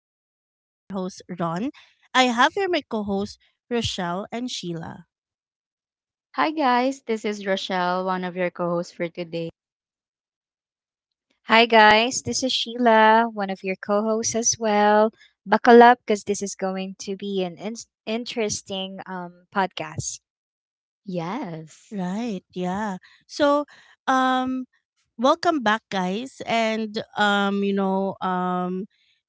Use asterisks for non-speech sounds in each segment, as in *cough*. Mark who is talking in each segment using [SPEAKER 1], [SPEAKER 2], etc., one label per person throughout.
[SPEAKER 1] And this is your host, Ron. I have here my co hosts, Rochelle and Sheila.
[SPEAKER 2] Hi guys, this is Rochelle, one of your co-hosts for today.
[SPEAKER 3] Hi, guys. This is Sheila, one of your co hosts as well. Buckle up because this is going to be an interesting podcast.
[SPEAKER 2] Yes.
[SPEAKER 1] Right. Yeah. So, um, Welcome back, guys.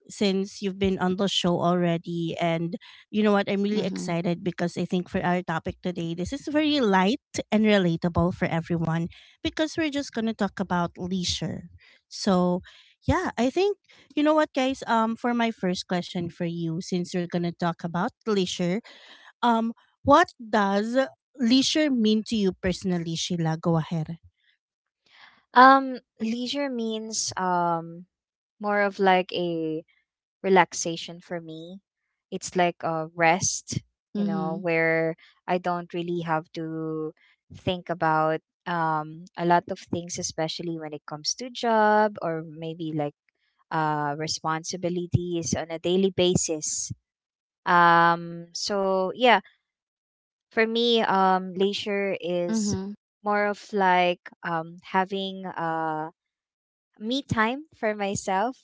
[SPEAKER 1] Since you've been on the show already, and you know what, I'm really
[SPEAKER 2] Mhm.
[SPEAKER 1] excited because I think for our topic today, this is very light and relatable for everyone because we're just gonna talk about leisure. So, yeah, I think you know what, guys. For my first question for you, since we're gonna talk about leisure, um, what does leisure mean to you personally, Sheila? Go ahead.
[SPEAKER 3] Leisure means more of like a relaxation for me. It's like a rest, you know,
[SPEAKER 2] Mhm.
[SPEAKER 3] where I don't really have to think about a lot of things, especially when it comes to job or maybe like responsibilities on a daily basis. So yeah, for me, leisure is
[SPEAKER 2] Mhm.
[SPEAKER 3] more of like having me time for myself,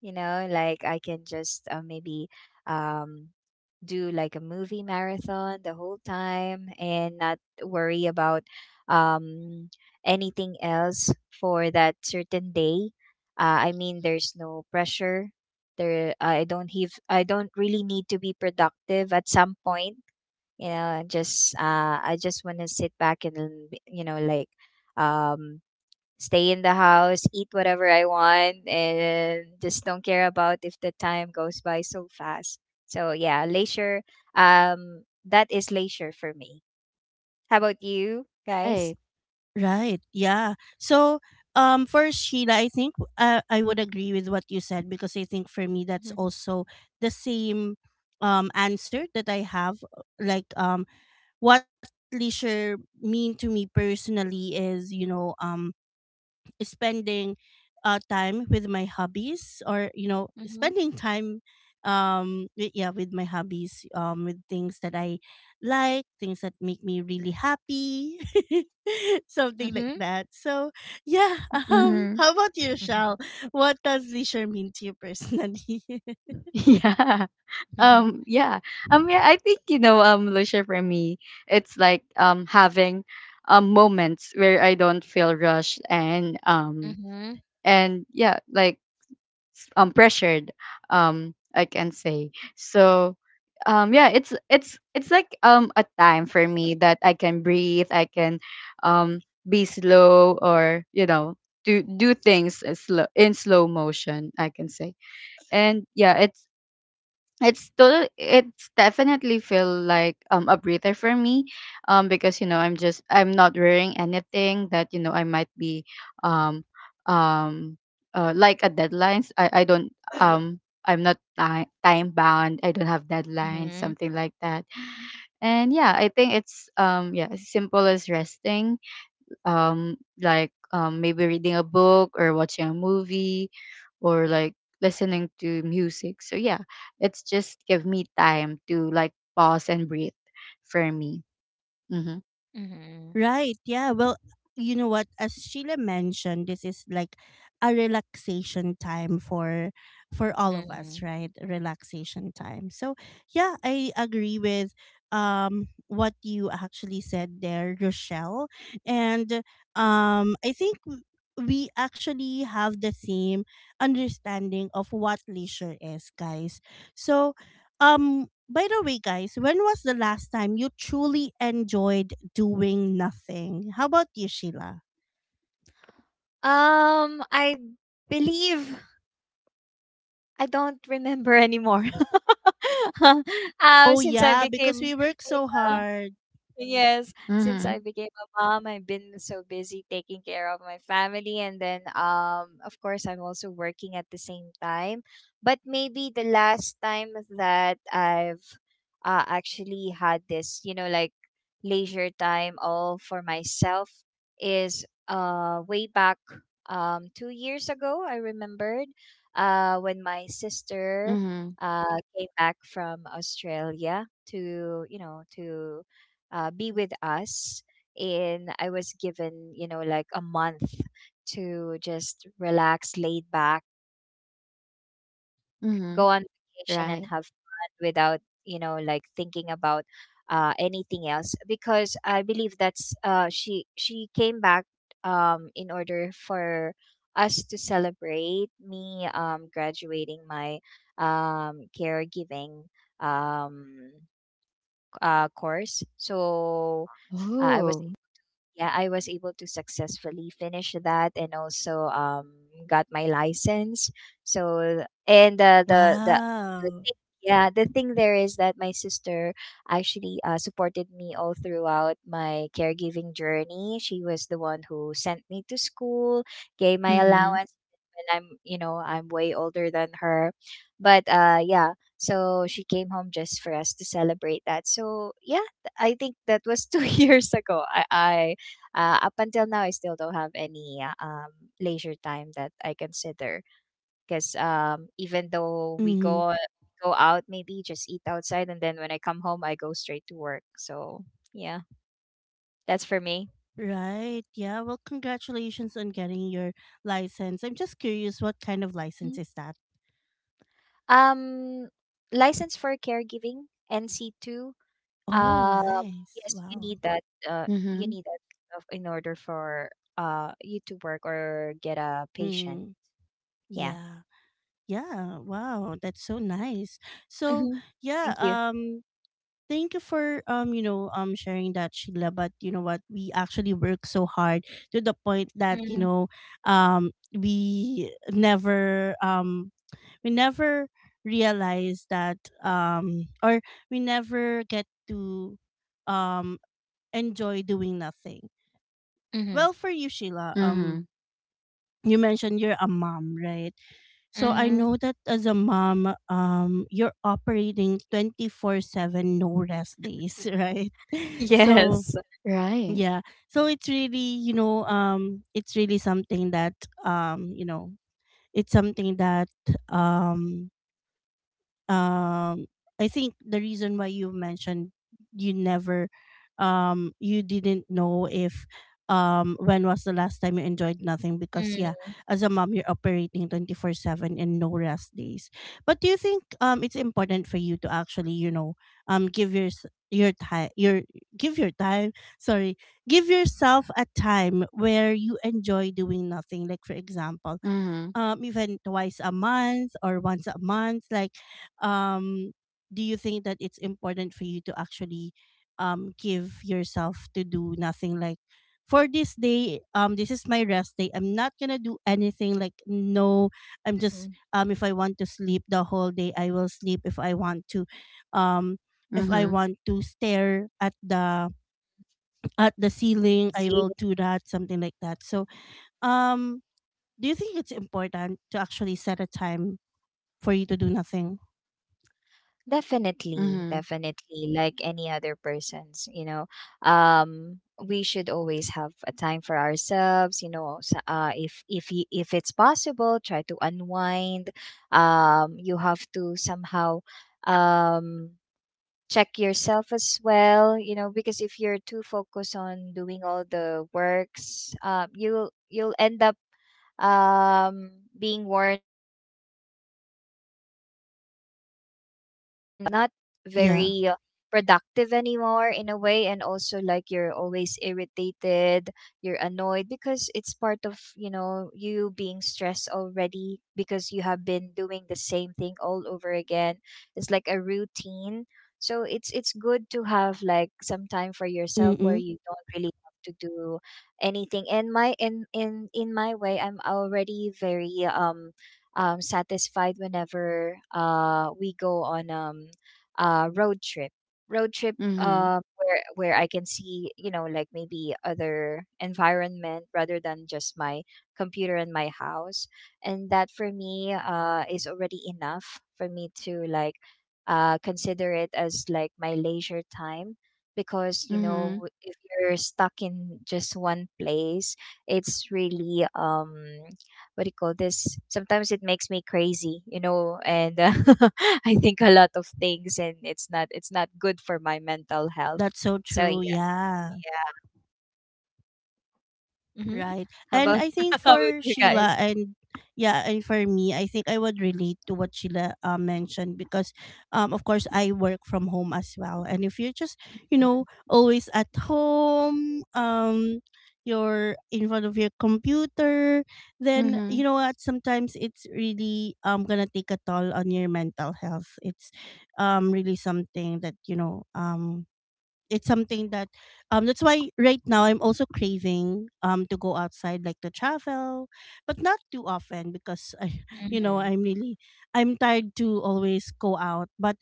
[SPEAKER 3] you know, like I can just maybe um do like a movie marathon the whole time and not worry about um anything else for that certain day. I mean, there's no pressure there. I don't really need to be productive at some point. You know, I just want to sit back and, you know, like, um stay in the house, eat whatever I want, and just don't care about if the time goes by so fast. So yeah, leisure. That is leisure for me. How about you guys?
[SPEAKER 2] Right.
[SPEAKER 1] Right. Yeah. So, for Sheila, I think I would agree with what you said because I think for me that's
[SPEAKER 3] Mhm.
[SPEAKER 1] also the same answer that I have. Like, um, what leisure mean to me personally is, spending time with my hobbies or you know
[SPEAKER 3] Mhm.
[SPEAKER 1] spending time with my hobbies with things that I like things that make me really happy *laughs* something like
[SPEAKER 3] Mhm.
[SPEAKER 1] that so yeah *laughs*
[SPEAKER 2] Mhm.
[SPEAKER 1] how about you shal?
[SPEAKER 3] *laughs*
[SPEAKER 1] What does leisure mean to you personally?
[SPEAKER 2] *laughs* Yeah.
[SPEAKER 3] Mhm.
[SPEAKER 2] Um yeah. Yeah, I think Lucia for me, it's like having moments where I don't feel rushed and um
[SPEAKER 3] Mhm.
[SPEAKER 2] and yeah, like pressured, I can say so it's like a time for me that I can breathe. I can um be slow, or you know, do things in slow motion, I can say. And yeah, it's definitely feel like a breather for me, because you know, I'm not wearing anything that you know I might be um um like a deadlines. I don't I'm not time bound, I don't have deadlines,
[SPEAKER 3] Mhm.
[SPEAKER 2] something like that. And yeah, I think it's as simple as resting um like maybe reading a book or watching a movie, or like listening to music. So yeah, it's just give me time to like pause and breathe for me. Mm-hmm.
[SPEAKER 3] Mhm.
[SPEAKER 1] Right. Yeah. Well, you know what? As Sheila mentioned, this is like a relaxation time for all of
[SPEAKER 3] Mhm.
[SPEAKER 1] us, right? Relaxation time. So yeah, I agree with what you actually said there, Rochelle. And I think we actually have the same understanding of what leisure is, guys. So by the way, guys, when was the last time you truly enjoyed doing nothing? How about you, Sheila?
[SPEAKER 3] I believe I don't remember anymore. *laughs* um,
[SPEAKER 1] Oh
[SPEAKER 3] since I
[SPEAKER 1] yeah, because
[SPEAKER 3] became,
[SPEAKER 1] we work so
[SPEAKER 3] yeah.
[SPEAKER 1] hard.
[SPEAKER 3] Yes, since
[SPEAKER 2] Mm-hmm.
[SPEAKER 3] I became a mom, I've been so busy taking care of my family, and then of course I'm also working at the same time. But maybe the last time that I've actually had this, you know, like leisure time all for myself is way back 2 years ago, I remembered, when my sister
[SPEAKER 2] Mm-hmm.
[SPEAKER 3] came back from Australia to, you know, to be with us. And I was given, you know, like a month to just relax, laid back, and just
[SPEAKER 2] Mm-hmm.
[SPEAKER 3] go on vacation and
[SPEAKER 2] Right.
[SPEAKER 3] have fun without, you know, like thinking about anything else, because I believe that's, she came back in order for us to celebrate me graduating my caregiving um, course. So, I was,
[SPEAKER 2] Oh.
[SPEAKER 3] yeah, I was able to successfully finish that, and also got my license. So, and the
[SPEAKER 1] Wow.
[SPEAKER 3] thing, yeah, the thing there is that my sister actually supported me all throughout my caregiving journey. She was the one who sent me to school, gave my
[SPEAKER 2] Mm-hmm.
[SPEAKER 3] allowance when I'm, you know, I'm way older than her. But yeah, so she came home just for us to celebrate that. So yeah, I think that was two *laughs* years ago. I up until now, I still don't have any leisure time that I consider, because even though we
[SPEAKER 1] Mm,
[SPEAKER 3] go out, maybe just eat outside, and then when I come home, I go straight to work. So yeah, that's for me.
[SPEAKER 1] right. Yeah. Well, congratulations on getting your license. I'm just curious, what kind of license
[SPEAKER 3] Mm.
[SPEAKER 1] is that?
[SPEAKER 3] Um, license for caregiving NC two.
[SPEAKER 1] Oh,
[SPEAKER 3] Um,
[SPEAKER 1] nice.
[SPEAKER 3] yes, you
[SPEAKER 1] Wow.
[SPEAKER 3] need that. Uh, you
[SPEAKER 2] Mm-hmm.
[SPEAKER 3] need that in order for you to work or get a patient.
[SPEAKER 1] Mm,
[SPEAKER 3] Yeah.
[SPEAKER 1] yeah. Yeah. Wow. That's so nice. So
[SPEAKER 3] Mm-hmm.
[SPEAKER 1] yeah.
[SPEAKER 3] Thank you.
[SPEAKER 1] Thank you for sharing that, Sheila, but you know what, we actually work so hard to the point that you
[SPEAKER 3] Mm-hmm.
[SPEAKER 1] know um we never um we never realize that or we never get to um enjoy doing nothing. Well, for you, Sheila,
[SPEAKER 2] Mm-hmm.
[SPEAKER 1] you mentioned you're a mom, right? So I
[SPEAKER 3] Mm-hmm.
[SPEAKER 1] know that as a mom, you're operating 24/7, no rest days, *laughs* right? So
[SPEAKER 3] Yes.
[SPEAKER 2] Right.
[SPEAKER 1] yeah, so it's really you know it's really something that um, you know it's something that um, um I think the reason why you mentioned you never you didn't know if when was the last time you enjoyed nothing because
[SPEAKER 3] Mm.
[SPEAKER 1] yeah, as a mom you're operating 24/7 and no rest days. But do you think it's important for you to actually you know give your time your give your time, sorry, give yourself a time where you enjoy doing nothing, like for example,
[SPEAKER 2] Mm-hmm.
[SPEAKER 1] even twice a month or once a month, like um do you think that it's important for you to actually give yourself to do nothing, like for this day, this is my rest day, I'm not gonna do anything, like no, I'm just
[SPEAKER 3] Mm.
[SPEAKER 1] if I want to sleep the whole day I will sleep, if I want to um if I
[SPEAKER 2] Mm-hmm.
[SPEAKER 1] want to stare at the ceiling I
[SPEAKER 3] See,
[SPEAKER 1] will do that, something like that. So um do you think it's important to actually set a time for you to do nothing?
[SPEAKER 3] definitely,
[SPEAKER 2] Mm-hmm.
[SPEAKER 3] definitely, like any other persons, you know, um, we should always have a time for ourselves, you know, if it's possible, try to unwind. You have to somehow um check yourself as well, you know, because if you're too focused on doing all the works, you'll end up um, being worn out and drained out, and you will be not
[SPEAKER 1] Yeah.
[SPEAKER 3] very productive anymore in a way, and also, like, you're always irritated, you're annoyed because it's part of, you know, you being stressed already because you have been doing the same thing all over again. It's like a routine. So it's good to have like some time for yourself where
[SPEAKER 1] Mm-mm.
[SPEAKER 3] you don't really have to do anything. And my, in my way, I'm already very satisfied whenever we go on road trip. Road trip,
[SPEAKER 2] Mm-hmm.
[SPEAKER 3] where, I can see, you know, like, maybe other environment rather than just my computer and my house. And that for me is already enough for me to like consider it as like my leisure time, because, you
[SPEAKER 2] Mm-hmm.
[SPEAKER 3] know, if you're stuck in just one place, it's really, what do you call this, sometimes it makes me crazy, you know, and *laughs* I think a lot of things, and it's not, it's not good for my mental health.
[SPEAKER 1] That's so
[SPEAKER 3] So
[SPEAKER 1] true.
[SPEAKER 3] yeah.
[SPEAKER 1] Yeah.
[SPEAKER 3] Yeah. Hmm.
[SPEAKER 1] Right.
[SPEAKER 3] How
[SPEAKER 1] And
[SPEAKER 3] about
[SPEAKER 1] I think
[SPEAKER 3] *laughs* how about
[SPEAKER 1] for
[SPEAKER 3] you guys?
[SPEAKER 1] Sheila and Yeah, and for me, I think I would relate to what Sheila mentioned because of course I work from home as well. And if you're just, you know, always at home, you're in front of your computer, then
[SPEAKER 2] Hmm.
[SPEAKER 1] you know what, sometimes it's really gonna take a toll on your mental health. It's really something that, you know, it's something that that's why right now I'm also craving to go outside, like to travel, but not too often because I *laughs* you know
[SPEAKER 3] Mm-hmm.
[SPEAKER 1] I'm really, I'm tired to always go out. But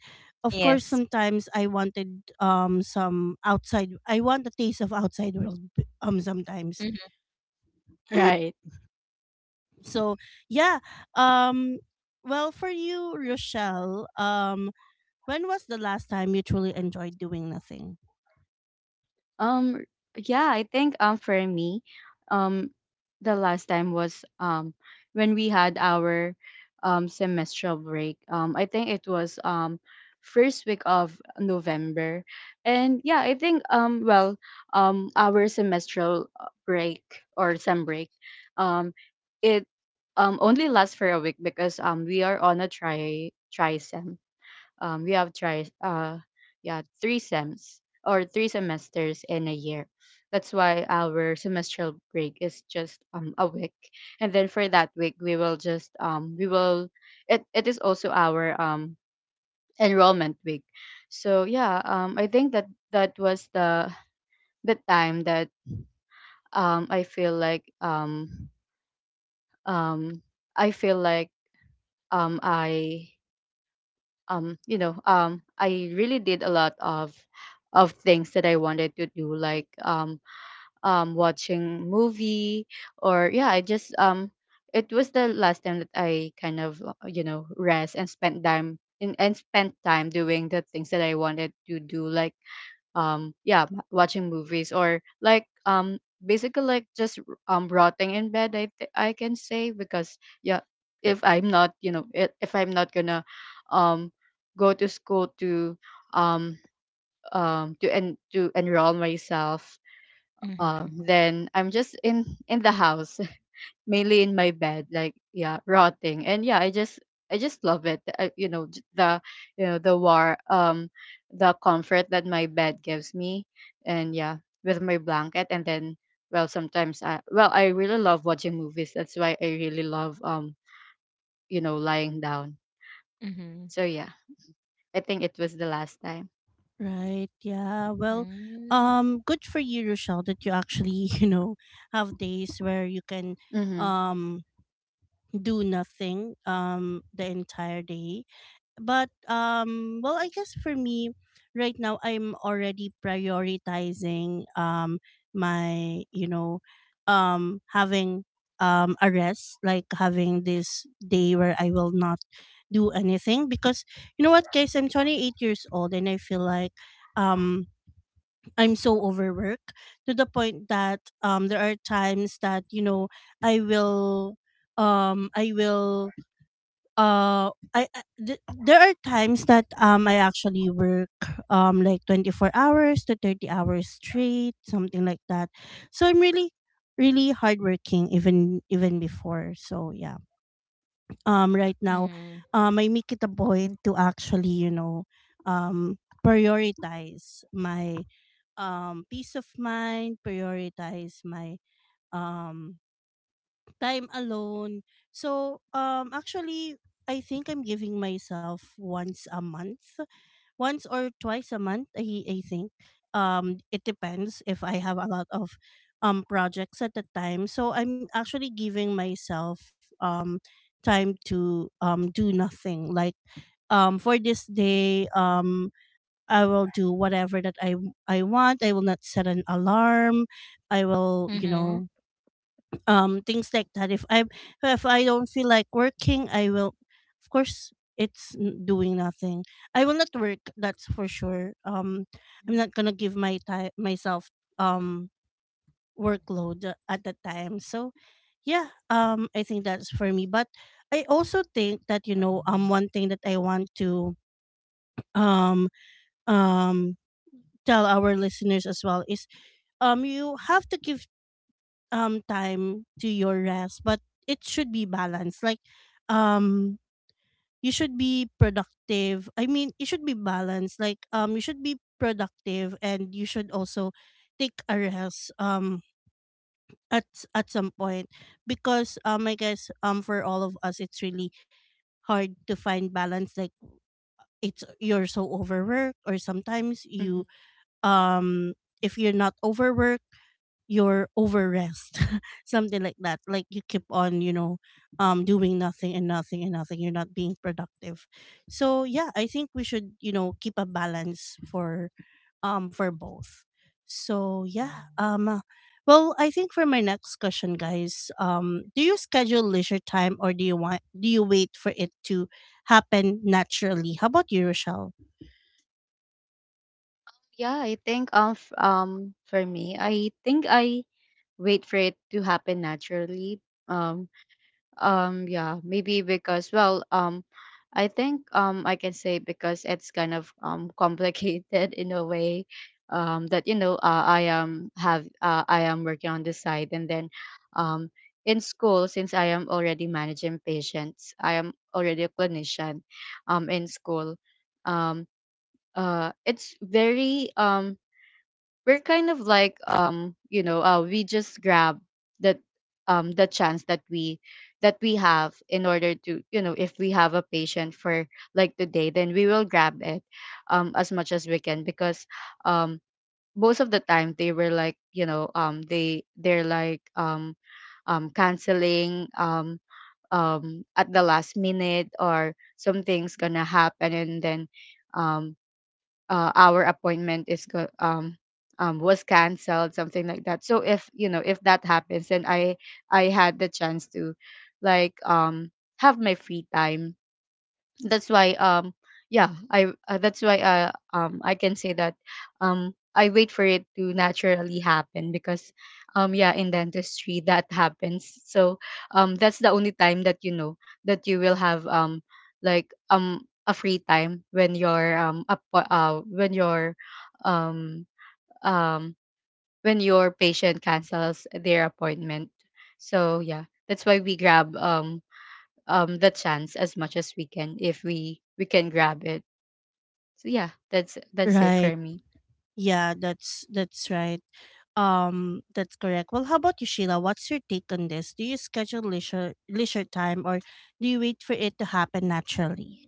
[SPEAKER 1] of course
[SPEAKER 3] Yes.
[SPEAKER 1] sometimes I wanted some outside I want a taste of outside world sometimes.
[SPEAKER 3] Mm-hmm.
[SPEAKER 2] Right.
[SPEAKER 1] So yeah, um well for you, Rochelle, when was the last time you truly enjoyed doing nothing?
[SPEAKER 2] Um, yeah, I think for me, um, the last time was um when we had our semestral break. I think it was first week of November, and yeah, I think our semestral break, or sem break, um, it only lasts for a week, because we are on a try sem. We have tried yeah three sems, or three semesters in a year. That's why our semestral break is just a week. And then for that week we will just we will it is also our enrollment week. So yeah, I think that that was the time that I feel like um I feel like I you know I really did a lot of things that I wanted to do, like watching movie, or yeah I just it was the last time that I kind of you know rest and spent time in and spent time doing the things that I wanted to do, like yeah watching movies, or like basically like just rotting in bed, I I can say. Because yeah, if I'm not you know if I'm not gonna um go to school um to enroll myself
[SPEAKER 3] Mm-hmm.
[SPEAKER 2] then I'm just in the house, mainly in my bed, like yeah rotting. And yeah, I just I just love it. I, you know the you know the war the comfort that my bed gives me, and yeah, with my blanket. And then, well sometimes I well I really love watching movies, that's why I really love you know lying down. So yeah, I think it was the last time.
[SPEAKER 1] Right. Yeah. Well,
[SPEAKER 3] Mm-hmm.
[SPEAKER 1] good for you, Rochelle, that you actually, *laughs* you know, have days where you can
[SPEAKER 2] Mm-hmm.
[SPEAKER 1] um do nothing the entire day. But well I guess for me right now I'm already prioritizing my you know having a rest, like having this day where I will not do anything because you know what guys, I'm 28 years old and I feel like um I'm so overworked to the point that there are times that you know I will I will I th- there are times that I actually work like 24 hours to 30 hours straight, something like that. So I'm really really hardworking, even even before. So yeah. Right now,
[SPEAKER 3] Mm-hmm.
[SPEAKER 1] I make it a point to actually, you know, um prioritize my peace of mind, prioritize my um time alone. So, actually, I think I'm giving myself once a month, once or twice a month. I think, it depends if I have a lot of, projects at the time. So I'm actually giving myself, um, time to, do nothing. Like, for this day, I will do whatever that I want. I will not set an alarm. I will, you
[SPEAKER 3] Mm-hmm.
[SPEAKER 1] know, things like that. If I don't feel like working I will, of course, it's doing nothing, I will not work, that's for sure. I'm not gonna give my time myself um workload at the time. So yeah, I think that's for me. But I also think that you know one thing that I want to um um tell our listeners as well is you have to give time to your rest, but it should be balanced. Like um you should be productive. I mean, it should be balanced. Like you should be productive and you should also take a rest at some point, because I guess for all of us it's really hard to find balance, like it's you're so overworked or sometimes
[SPEAKER 2] Hmm.
[SPEAKER 1] you um if you're not overworked, you're overrest, *laughs* something like that, like you keep on you know doing nothing and nothing and nothing, you're not being productive. So yeah, I think we should, you know, keep a balance for both. So yeah, well I think for my next question, guys, do you schedule leisure time or do you wait for it to happen naturally? How about you, Rochelle?
[SPEAKER 2] Yeah, I think for me, I think I wait for it to happen naturally. um yeah, maybe because well, I think I can say because it's kind of complicated *laughs* in a way. That you know I am working on this side, and then, um in school, since I am already managing patients, I am already a clinician, in school, um it's very we're kind of like you know, we just grab the the chance that we have, in order to you know if we have a patient for like today, then we will grab it as much as we can. Because um most of the time they were like you know they're like canceling, at the last minute, or something's gonna happen, and then um our appointment was canceled, something like that. So if you know if that happens, then I had the chance to like have my free time. That's why I can say that I wait for it to naturally happen, because yeah in dentistry that *laughs* happens. So that's the only time that you know that you will have like a free time, when your when your um um when your patient cancels their appointment. So yeah, that's why we grab the chance as much as we can, if we can grab it. So yeah, that's it
[SPEAKER 1] Right,
[SPEAKER 2] for me.
[SPEAKER 1] yeah, that's right. That's correct. Well, how about you, Sheila? What's your take on this? Do you schedule leisure time or do you wait for it to happen naturally?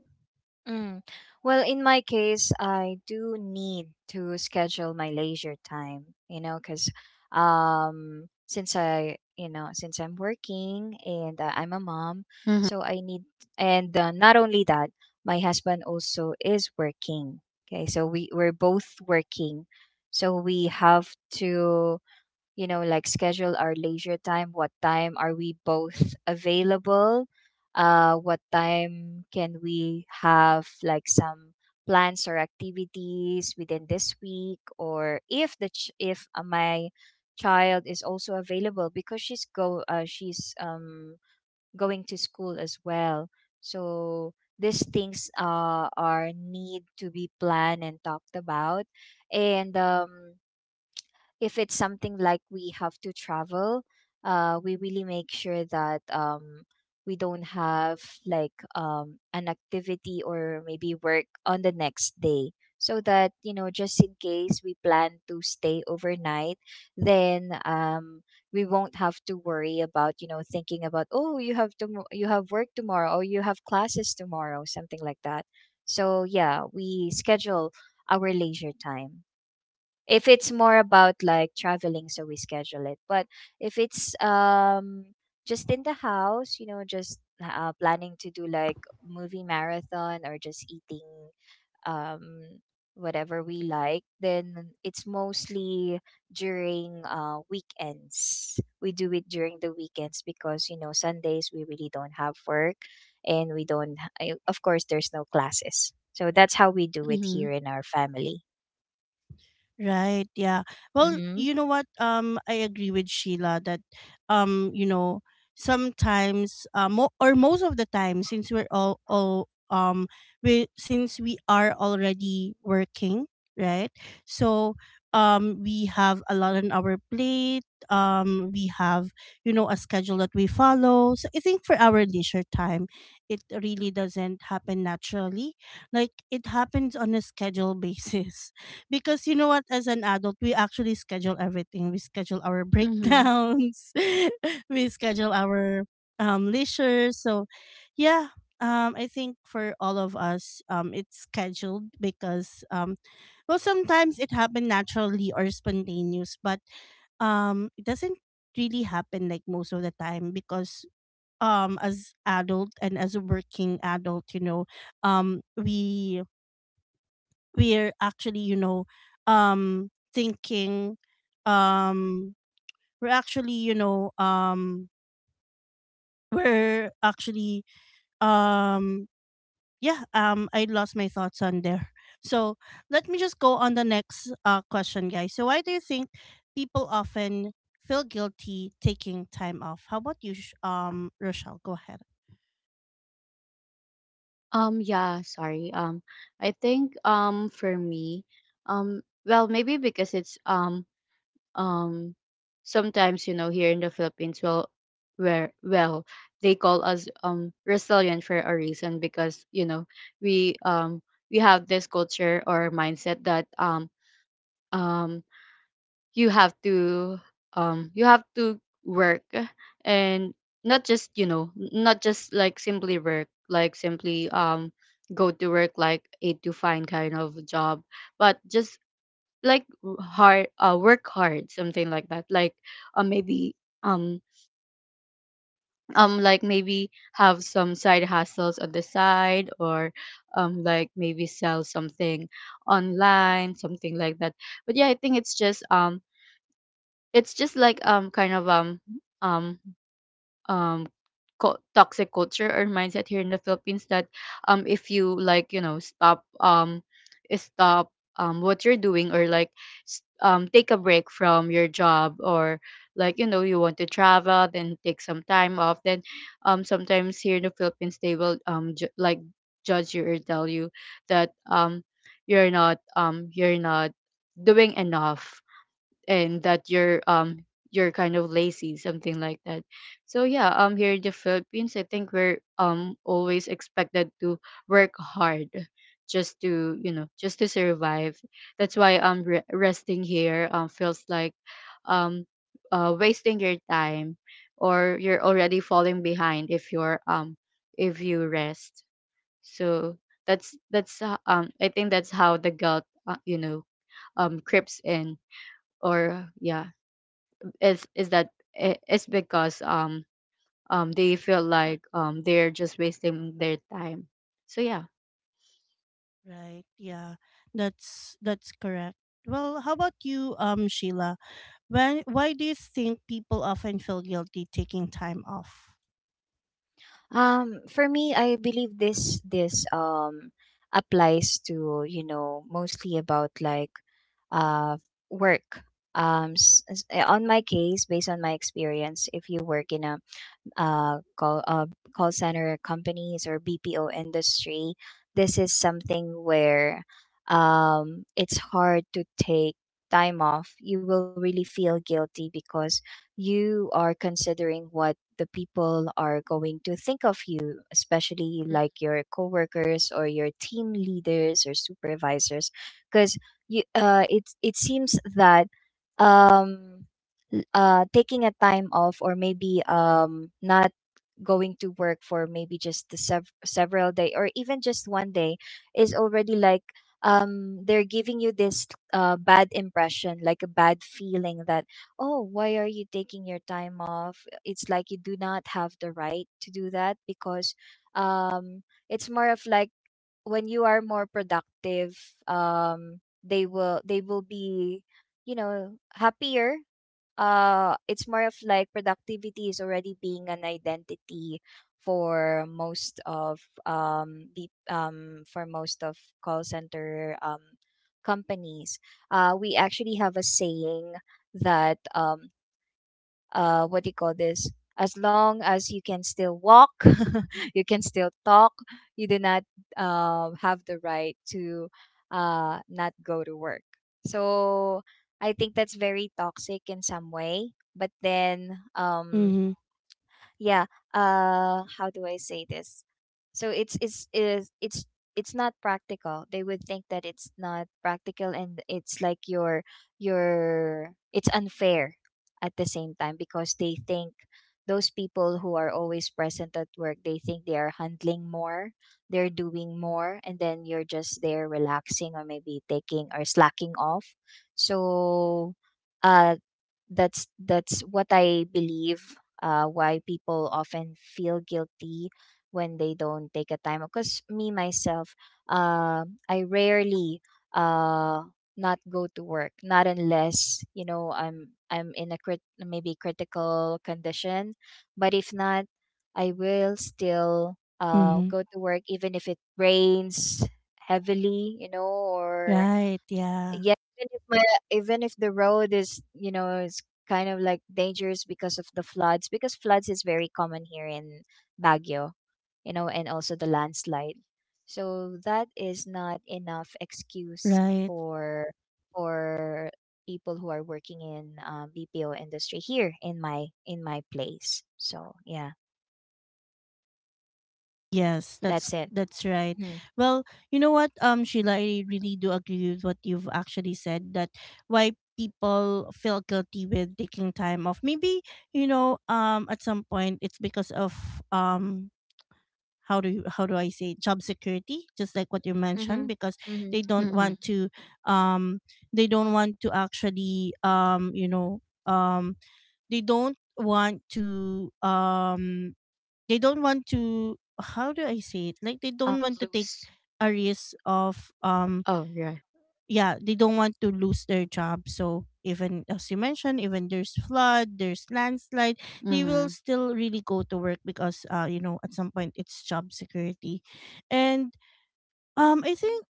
[SPEAKER 3] Mm. Well, in my case, I do need to schedule my leisure time, you know, because, since I, you know, since I'm working and I'm a mom,
[SPEAKER 2] Mm-hmm.
[SPEAKER 3] so I need, and not only that, my husband also is working. Okay, so we're both working, so we have to, you know, like, schedule our leisure time. What time are we both *laughs* available, what time can we have like some plans or activities within this week? Or if the ch- if my child is also available, because she's going to school as well. So these things, are need to be planned and talked about. And if it's something like we have to travel, we really make sure that, we don't have like an activity or maybe work on the next day. So that, you know, just in case we plan to stay overnight, then we won't have to worry about, you know, thinking about, oh, you have to, you have work tomorrow or you have classes tomorrow, something like that. So yeah, we schedule our leisure time. If it's more about like traveling, so we schedule it. But if it's just in the house, you know, just planning to do like movie marathon or just eating um whatever we like, then it's mostly during weekends. We do it during the weekends, because, you know, Sundays we really don't have work, and we don't of course there's no classes. So that's how we do it
[SPEAKER 2] Mm-hmm.
[SPEAKER 3] here in our family.
[SPEAKER 1] Right. Yeah. Well,
[SPEAKER 3] Mm-hmm.
[SPEAKER 1] you know what? I agree with Sheila that, you know, sometimes, mo- or most of the time, since we're we since we are already working, right? So, we have a lot on our plate. We have, you know, a schedule that we follow. So I think for our leisure time, it really doesn't happen naturally. Like it happens on a schedule *laughs* basis, because you know what, as an adult, we actually schedule everything. We schedule our
[SPEAKER 2] Mm-hmm.
[SPEAKER 1] breakdowns, *laughs* we schedule our leisure. So yeah, I think for all of us, it's scheduled because well sometimes it happened naturally or spontaneous, but it doesn't really happen like most of the time because as adult and as a working adult, you know, we we're actually you know thinking um we're actually you know we're actually um yeah, I lost my thoughts on there. So let me just go on the next question, guys. So why do you think people often feel guilty taking time off? How about you, Rochelle? Go ahead.
[SPEAKER 2] Yeah, sorry. I think for me, well, maybe because it's um sometimes, you know, here in the Philippines, well, they call us resilient for a reason because, you know, we um we have this culture or mindset that um you have to you have to work. And not just you know not just like simply work, like simply go to work like eight to five kind of job, but just like w- hard work hard, something like that. Like maybe um like maybe have some side hustles on the side, or like maybe sell something online, something like that. But yeah, I think it's just like um um toxic culture or mindset here in the Philippines. That if you like you know stop what you're doing, or like take a break from your job, or like you know you want to travel then take some time off, then sometimes here in the Philippines they will like judge you or tell you that you're not you're not doing enough, and that you're kind of lazy, something like that. So yeah, here in the Philippines I think we're always expected to work hard, just to you know just to survive. That's why resting here feels like um wasting your time, or you're already falling behind if you're if you rest. So that's I think that's how the gut you know creeps in, or yeah, is that it's because they feel like they're just wasting their time. So yeah.
[SPEAKER 1] Right. Yeah. That's correct. Well, how about you, Sheila? When Why do you think people often feel guilty taking time off?
[SPEAKER 3] For me, I believe this applies to, you know, mostly about like uh work. On my case, based on my experience, if you work in a uh, call uh, call center companies or BPO industry, this is something where, it's hard to take time off. You will really feel guilty because you are considering what the people are going to think of you, especially like your coworkers or your team leaders or supervisors, because you it seems that, um taking a time off or maybe not going to work for maybe just the several day or even just one day is already like, they're giving you this bad impression, like a bad feeling that, oh, why are you taking your time off? It's like, you do not have the right to do that, because um it's more of like, when you are more productive, they will, they will be, you know, happier. It's more of like productivity is already being an identity for most of um the um for most of call center companies. We actually have a saying that, what do you call this, as long as you can still walk *laughs* you can still talk, you do not have the right to not go to work. So I think that's very toxic in some way. But then,
[SPEAKER 1] Mm-hmm.
[SPEAKER 3] yeah, how do I say this. So it's it's not practical. They would think that it's not practical, and it's like your, it's unfair at the same time, because they think those people who are always present at work, they think they are handling more, they're doing more, and then you're just there relaxing or maybe taking or slacking off. So uh that's what I believe, why people often feel guilty when they don't take a time, because me myself, I rarely, uh, not go to work, not unless, you know, I'm in a maybe critical condition. But if not, I will still
[SPEAKER 1] Mm-hmm.
[SPEAKER 3] go to work, even if it rains heavily, you know, or
[SPEAKER 1] Right, yeah.
[SPEAKER 3] yeah, even if my, even if the road is, you know, is kind of like dangerous, because of the floods, because floods is very common here in Baguio, you know, and also the landslide. So that is not enough excuse
[SPEAKER 1] Right.
[SPEAKER 3] for people who are working in BPO industry here in my, in my place, so yeah,
[SPEAKER 1] Yes,
[SPEAKER 3] that's it.
[SPEAKER 1] that's right.
[SPEAKER 3] Mm-hmm.
[SPEAKER 1] Well, you know what, Sheila, I really do agree with what you've actually said, that why people feel guilty with taking time off. Maybe, you know, at some point it's because of um how do you, how do I say, job security, just like what you
[SPEAKER 3] Mm-hmm.
[SPEAKER 1] mentioned, because
[SPEAKER 3] Mm-hmm.
[SPEAKER 1] they don't
[SPEAKER 2] Mm-hmm.
[SPEAKER 1] want to um they don't want to actually you know um they don't want to they don't want to, how do I say it, like they don't want to take
[SPEAKER 2] Loose.
[SPEAKER 1] a risk of
[SPEAKER 2] Oh yeah.
[SPEAKER 1] yeah, they don't want to lose their job. So even as you mentioned, even there's flood, there's landslide, they will
[SPEAKER 2] Mm-hmm.
[SPEAKER 1] still really go to work because you know, at some point it's job security. And I think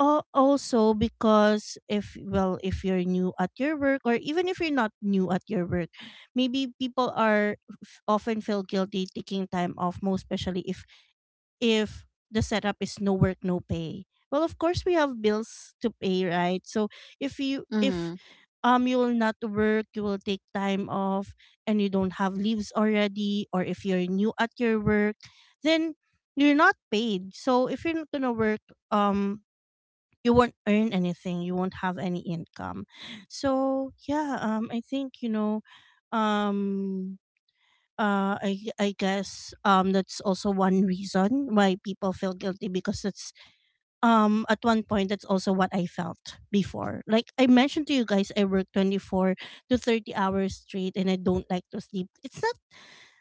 [SPEAKER 1] also because if, well, if you're new at your work or even if you're not new at your work, maybe people are often feel guilty taking time off, most especially if if the setup is no work no pay. Well of course we have bills to pay, right? So if
[SPEAKER 2] Mm-hmm.
[SPEAKER 1] you will not work, you will take time off, and you don't have leaves already, or if you're new at your work, then you're not paid. So if you're not gonna work um you won't earn anything, you won't have any income. So yeah I think you know um I guess that's also one reason why people feel guilty because it's at one point that's also what I felt before. Like I mentioned to you guys, I work 24 to 30 hours straight and I don't like to sleep. It's not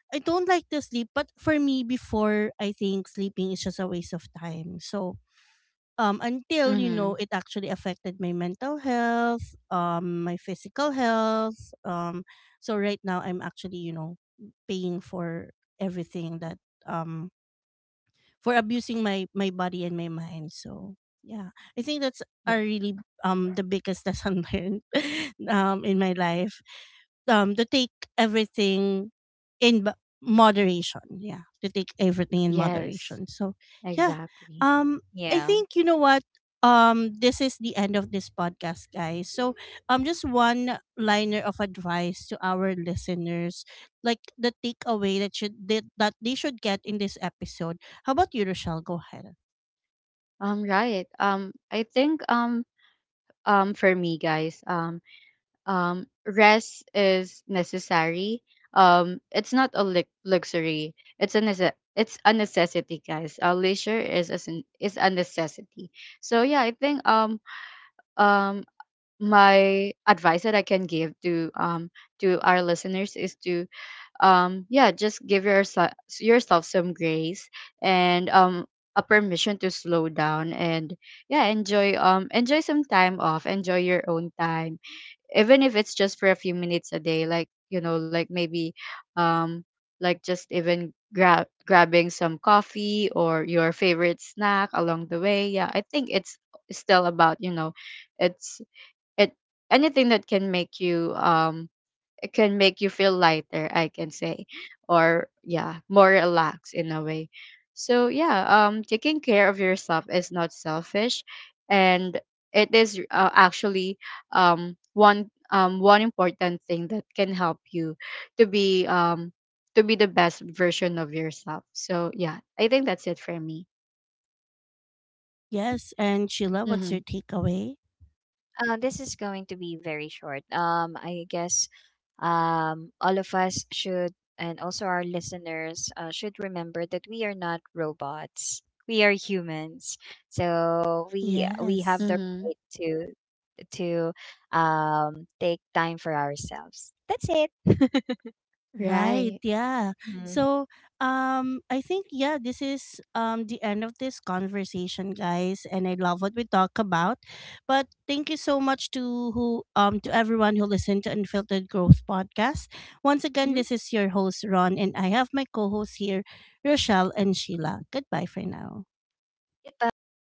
[SPEAKER 1] I don't like to sleep, but for me before I think sleeping is just a waste of time. So until you know
[SPEAKER 2] Mm-hmm.
[SPEAKER 1] it actually affected my mental health, my physical health. So right now I'm actually you know paying for everything that um for abusing my my body and my mind. So yeah, I think that's
[SPEAKER 2] Yeah.
[SPEAKER 1] are really the biggest lesson *laughs* learned in my life. To take everything in moderation. Yeah, to take everything in
[SPEAKER 2] Yes,
[SPEAKER 1] moderation. So yeah,
[SPEAKER 2] exactly.
[SPEAKER 1] um, I
[SPEAKER 3] Yeah.
[SPEAKER 1] think you know what. This is the end of this podcast, guys. So, just one liner of advice to our listeners, like the takeaway that should that that they should get in this episode. How about you, Rochelle? Go ahead.
[SPEAKER 2] Right. I think for me, guys. Rest is necessary. It's not a luxury. It's a it's a necessity, guys. Leisure is a is a necessity. So yeah, I think um my advice that I can give to our listeners is to yeah just give yourself some grace, and a permission to slow down, and yeah enjoy enjoy some time off, enjoy your own time, even if it's just for a few minutes a day. Like you know like maybe um like just even grabbing some coffee or your favorite snack along the way. Yeah I think it's still about you know it's it anything that can make you feel lighter, I can say, or yeah, more relaxed in a way. So yeah, taking care of yourself is not selfish, and it is actually one important thing that can help you to be um to be the best version of yourself. So yeah, I think that's it for me.
[SPEAKER 1] Yes, and Sheila, what's
[SPEAKER 2] Mm-hmm.
[SPEAKER 1] your takeaway?
[SPEAKER 3] This is going to be very short. I guess, all of us should, and also our listeners, should remember that we are not robots. We are humans, so we have the
[SPEAKER 1] Yes.
[SPEAKER 2] Mm-hmm.
[SPEAKER 3] right to to, take time for ourselves. That's it. *laughs*
[SPEAKER 1] Right,
[SPEAKER 2] Right.
[SPEAKER 1] yeah.
[SPEAKER 3] Mhm.
[SPEAKER 1] So, I think yeah, this is the end of this conversation, guys, and I love what we talk about. But thank you so much to who to everyone who listened to Unfiltered Growth podcast. Once
[SPEAKER 3] Mhm.
[SPEAKER 1] again, this is your host Ron and I have my co-hosts here, Rochelle and Sheila. Goodbye for now.
[SPEAKER 3] Goodbye.